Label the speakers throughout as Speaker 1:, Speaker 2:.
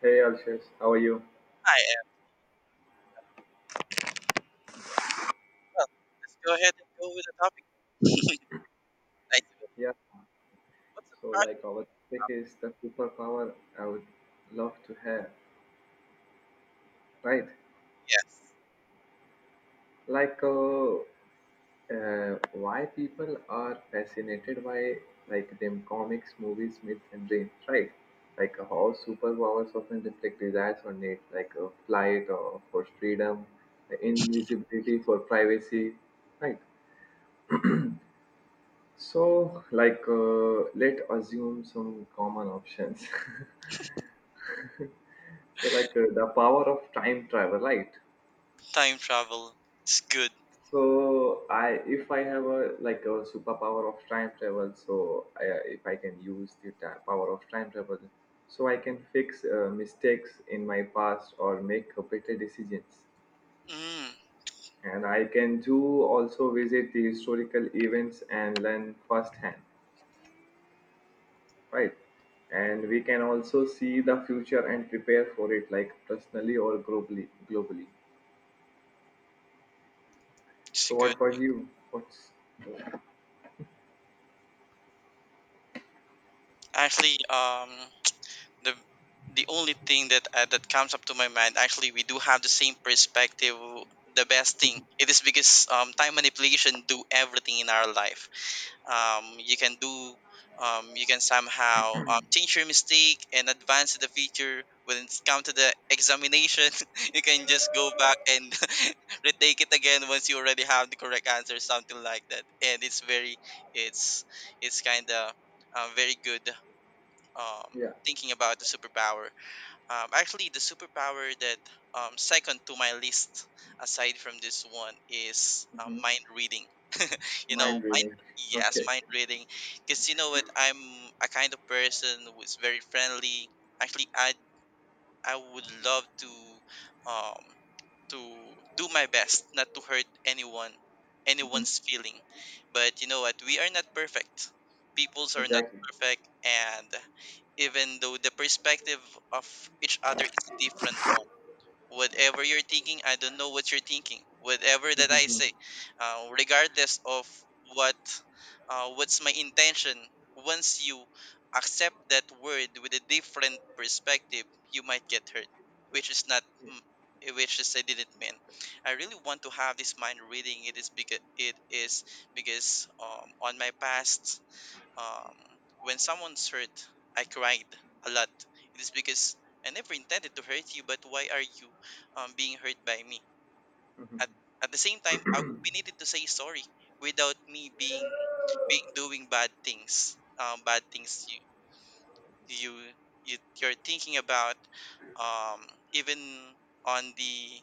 Speaker 1: Hey Alshish, how are you?
Speaker 2: I am. Well, let's go ahead and go with the topic. Nice to you.
Speaker 1: Yeah,
Speaker 2: What's the
Speaker 1: so
Speaker 2: priority?
Speaker 1: like our topic is the superpower I would love to have, right?
Speaker 2: Yes.
Speaker 1: Like uh, why people are fascinated by like them comics, movies, myths and dreams, right? How superpowers often reflect desires or needs, flight or for freedom, invisibility for privacy, right? Let assume some common options. So the power of time travel, right?
Speaker 2: Time travel. It's good.
Speaker 1: So, I if I have a like a superpower of time travel, if I can use the power of time travel, so I can fix mistakes in my past or make better decisions,
Speaker 2: Mm,
Speaker 1: and I can do also visit the historical events and learn firsthand. Right, and we can also see the future and prepare for it like personally or globally.
Speaker 2: it's
Speaker 1: So what
Speaker 2: good.
Speaker 1: about you, what's.
Speaker 2: Actually, um, the the only thing that comes up to my mind, actually, we do have the same perspective. The best thing it is because time manipulation do everything in our life. Um, you can do you can somehow change your mistake and advance to the future when it's come to the examination. You can just go back and retake it again once you already have the correct answer, something like that, and it's it's kind of very good. Um,
Speaker 1: Yeah.
Speaker 2: thinking about the superpower, actually the superpower that second to my list aside from this one is
Speaker 1: Hmm.
Speaker 2: mind reading. You know,
Speaker 1: Mind
Speaker 2: mind.
Speaker 1: reading.
Speaker 2: Yes,
Speaker 1: Okay.
Speaker 2: mind reading. Because you know what, I'm a kind of person who is very friendly. Actually, I would love um to do my best not to hurt anyone,
Speaker 1: Hmm.
Speaker 2: anyone's feeling. But you know what, we are not perfect. Peoples are not
Speaker 1: Exactly.
Speaker 2: perfect, and even though the perspective of each other is a different one. Whatever you're thinking, I don't know what you're thinking. Whatever that I say, regardless of what, what's my intention, once you accept that word with a different perspective, you might get hurt, which is not, mm, which is I didn't mean. I really want to have this mind reading. It is because on my past, um, when someone's hurt, I cried a lot. It is because I never intended to hurt you, but why are you being hurt by me? At, at the same time, I would be needed to say sorry without me being, doing bad things. Bad things you, you're thinking about. Um, Even on the,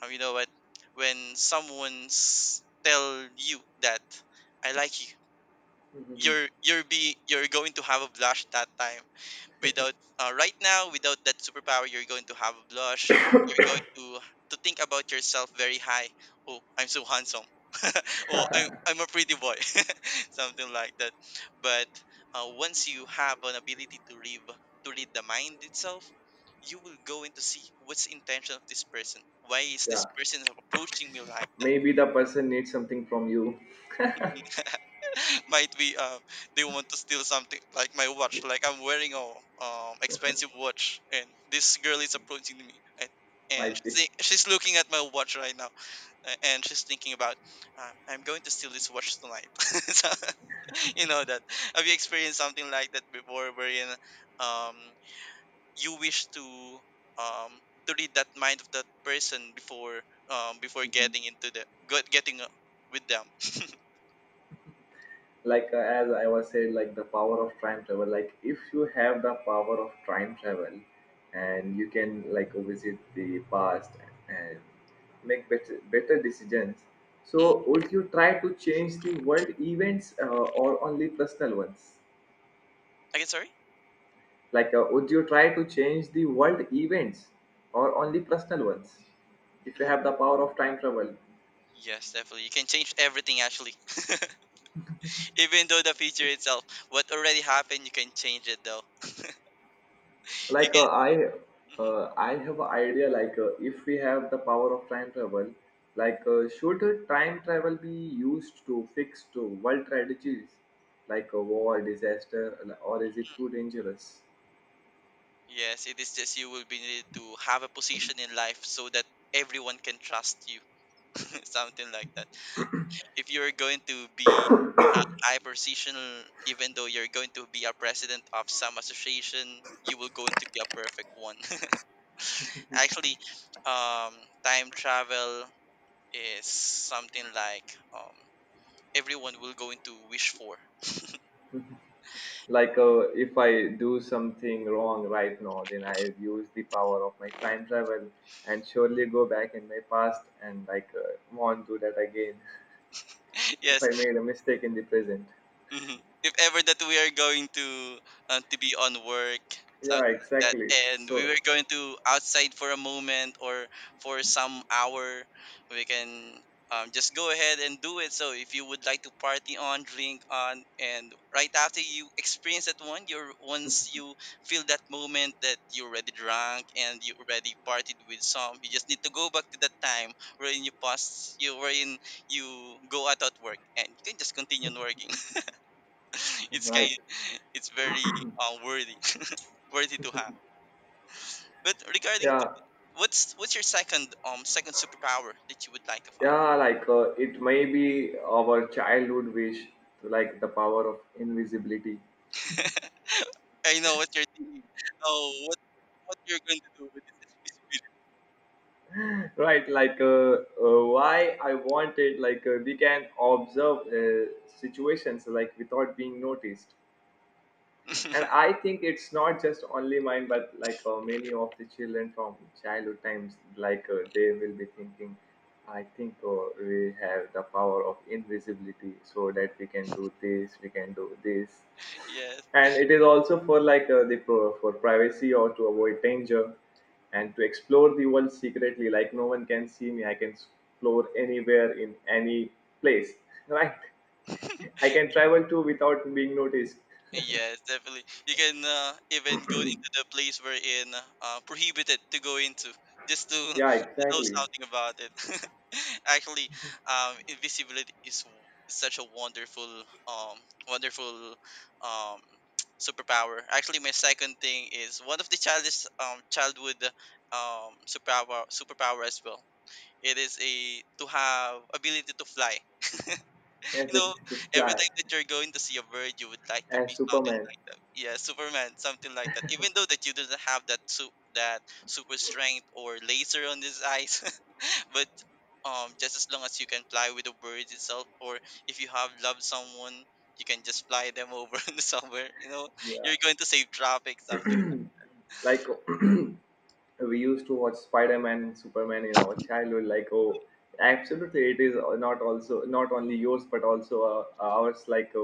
Speaker 2: you know what, when someone's tell you that I like you,
Speaker 1: Hmm.
Speaker 2: you're going to have a blush that time without right now without that superpower you're going to have a blush, you're going to think about yourself very high. Oh, I'm so handsome. Oh, I'm a pretty boy. Something like that. But once you have an ability to read the mind itself, you will go in to see what's the intention of this person, why is this
Speaker 1: Yeah.
Speaker 2: person approaching me like that.
Speaker 1: Maybe the person needs something from you.
Speaker 2: Might be they want to steal something like my watch. Like I'm wearing a, expensive watch, and this girl is approaching me, and,
Speaker 1: Might
Speaker 2: she's,
Speaker 1: be.
Speaker 2: she's looking at my watch right now, and she's thinking about, I'm going to steal this watch tonight. So, you know that, have you experienced something like that before, wherein, um, you wish to, um, to read that mind of that person before, before
Speaker 1: Mhm.
Speaker 2: getting into getting with them.
Speaker 1: As I was saying, like the power of time travel, like if you have the power of time travel and you can like visit the past and make better decisions,
Speaker 2: Mm.
Speaker 1: so would you try to change the world events or only personal ones?
Speaker 2: Again, sorry.
Speaker 1: Would you try to change the world events or only personal ones if you
Speaker 2: Mm.
Speaker 1: have the power of time travel?
Speaker 2: Yes, definitely. You can change everything, actually. Even though the future itself, what already happened, you can change it though. You
Speaker 1: like uh, i
Speaker 2: can. Mhm.
Speaker 1: uh, i have an idea, if we have the power of time travel, should time travel be used to fix to world tragedies, like a war disaster, or is it too dangerous?
Speaker 2: Yes, it is just you will be needed to have a position in life so that everyone can trust you. Something like that. If you're going to be a high position, even though you're going to be a president of some association, you will going to be a perfect one. Actually, time travel is something like, um everyone will going to wish for.
Speaker 1: like uh, if I do something wrong right now, then I have used the power of my time travel and surely go back in my past and want to do that again. If
Speaker 2: Yes.
Speaker 1: I made a mistake in the present.
Speaker 2: Mhm. If ever that we are going to be on work,
Speaker 1: Yeah,
Speaker 2: something like that,
Speaker 1: exactly,
Speaker 2: and we
Speaker 1: so.
Speaker 2: were going to outside for a moment or for some hour, we can just go ahead and do it. So if you would like to party on, drink on, and right after you experience that one, you're, once you feel that moment that you already drunk and you already partied with some, you just need to go back to that time wherein you pass, you wherein you go out at work, and you can just continue on working. It's kind,
Speaker 1: Right.
Speaker 2: it's very worthy, worthy to have. But regarding to,
Speaker 1: Yeah.
Speaker 2: what's your second, second superpower that you would like to have?
Speaker 1: Yeah, it may be our childhood wish, like the power of invisibility.
Speaker 2: I know what you're thinking. Oh, what you're going to do with this
Speaker 1: Right? Why I wanted, we can observe situations like without being noticed. And
Speaker 2: invisibility?
Speaker 1: I think it's not just only mine but many of the children from childhood times they will be thinking, I think we have the power of invisibility so that we can do this, we can do this.
Speaker 2: Yes.
Speaker 1: And it is also for the for privacy or to avoid danger, and to explore the world secretly, like no one can see me, I can explore anywhere in any place. Right, I can travel too without being noticed.
Speaker 2: Yes, definitely. You can even go into the place we're in, prohibited to go into, just to,
Speaker 1: Yeah,
Speaker 2: to know
Speaker 1: exactly.
Speaker 2: something about it. Actually, invisibility is, such a wonderful, wonderful, um, superpower. Actually, my second thing is one of the childish, childhood, superpower as well. It is a to have ability to fly. You
Speaker 1: Ability
Speaker 2: know,
Speaker 1: to
Speaker 2: every
Speaker 1: fly
Speaker 2: time that you're going to see a bird, you would like to
Speaker 1: and
Speaker 2: be something
Speaker 1: Superman.
Speaker 2: like that. Yeah, Superman, something like that. Even though that you didn't have that super strength or laser on his eyes, but just as long as you can fly with the bird itself, or if you have loved someone, you can just fly them over somewhere. You know,
Speaker 1: Yeah,
Speaker 2: you're going to save traffic, something.
Speaker 1: like we used to watch Spider-Man and Superman in our childhood. Like, oh, absolutely, it is not also not only yours but also ours. Like a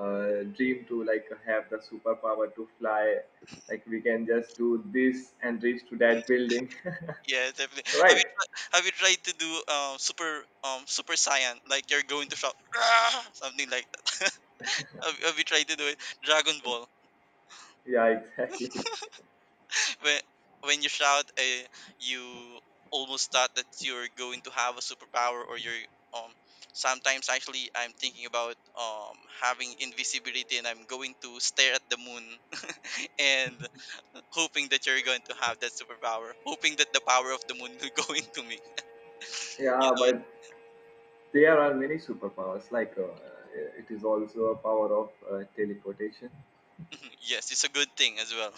Speaker 1: dream to like have the superpower to fly. Like we can just do this and reach to that
Speaker 2: Mhm.
Speaker 1: building.
Speaker 2: Yeah, definitely. Have
Speaker 1: Right?
Speaker 2: you tried, have you tried to do super, super saiyan, like you're going to shout "Rah!", something like that? Have you tried to do it? Dragon Ball.
Speaker 1: Yeah, exactly.
Speaker 2: When when you shout, you almost thought that you're going to have a superpower, or you're, um. Sometimes actually, I'm thinking about having invisibility and I'm going to stare at the moon and hoping that you're going to have that superpower, hoping that the power of the moon will go into me. You
Speaker 1: Yeah,
Speaker 2: know,
Speaker 1: but there are many superpowers. It is also a power of teleportation.
Speaker 2: it, yes, it's a good thing as well.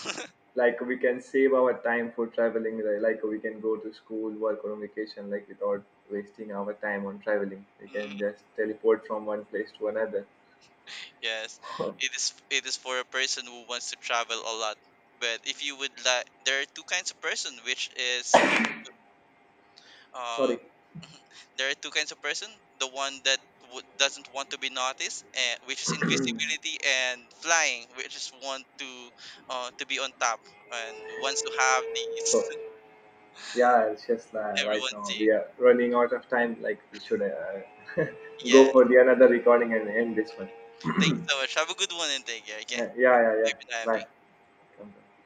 Speaker 1: Like we can save our time for traveling. Like we can go to school, work, or on vacation. Like without wasting our time on traveling, we can just teleport from one place to another.
Speaker 2: Yes,
Speaker 1: Oh,
Speaker 2: it is. It is for a person who wants to travel a lot. But if you would like, there are two kinds of person, which is, uh,
Speaker 1: sorry.
Speaker 2: there are two kinds of person. The one that doesn't want to be noticed, and which is invisibility, and flying, which is want to be on top and wants to have
Speaker 1: So
Speaker 2: these,
Speaker 1: yeah, it's just right
Speaker 2: everyone
Speaker 1: now
Speaker 2: seeing.
Speaker 1: we are running out of time. Like we should
Speaker 2: Yeah.
Speaker 1: go for the another recording and end this one.
Speaker 2: Thank you so much. Have a good one and take care. Okay.
Speaker 1: Yeah, yeah, yeah, yeah.
Speaker 2: Bye,
Speaker 1: Bye.
Speaker 2: Andy.
Speaker 1: Come back.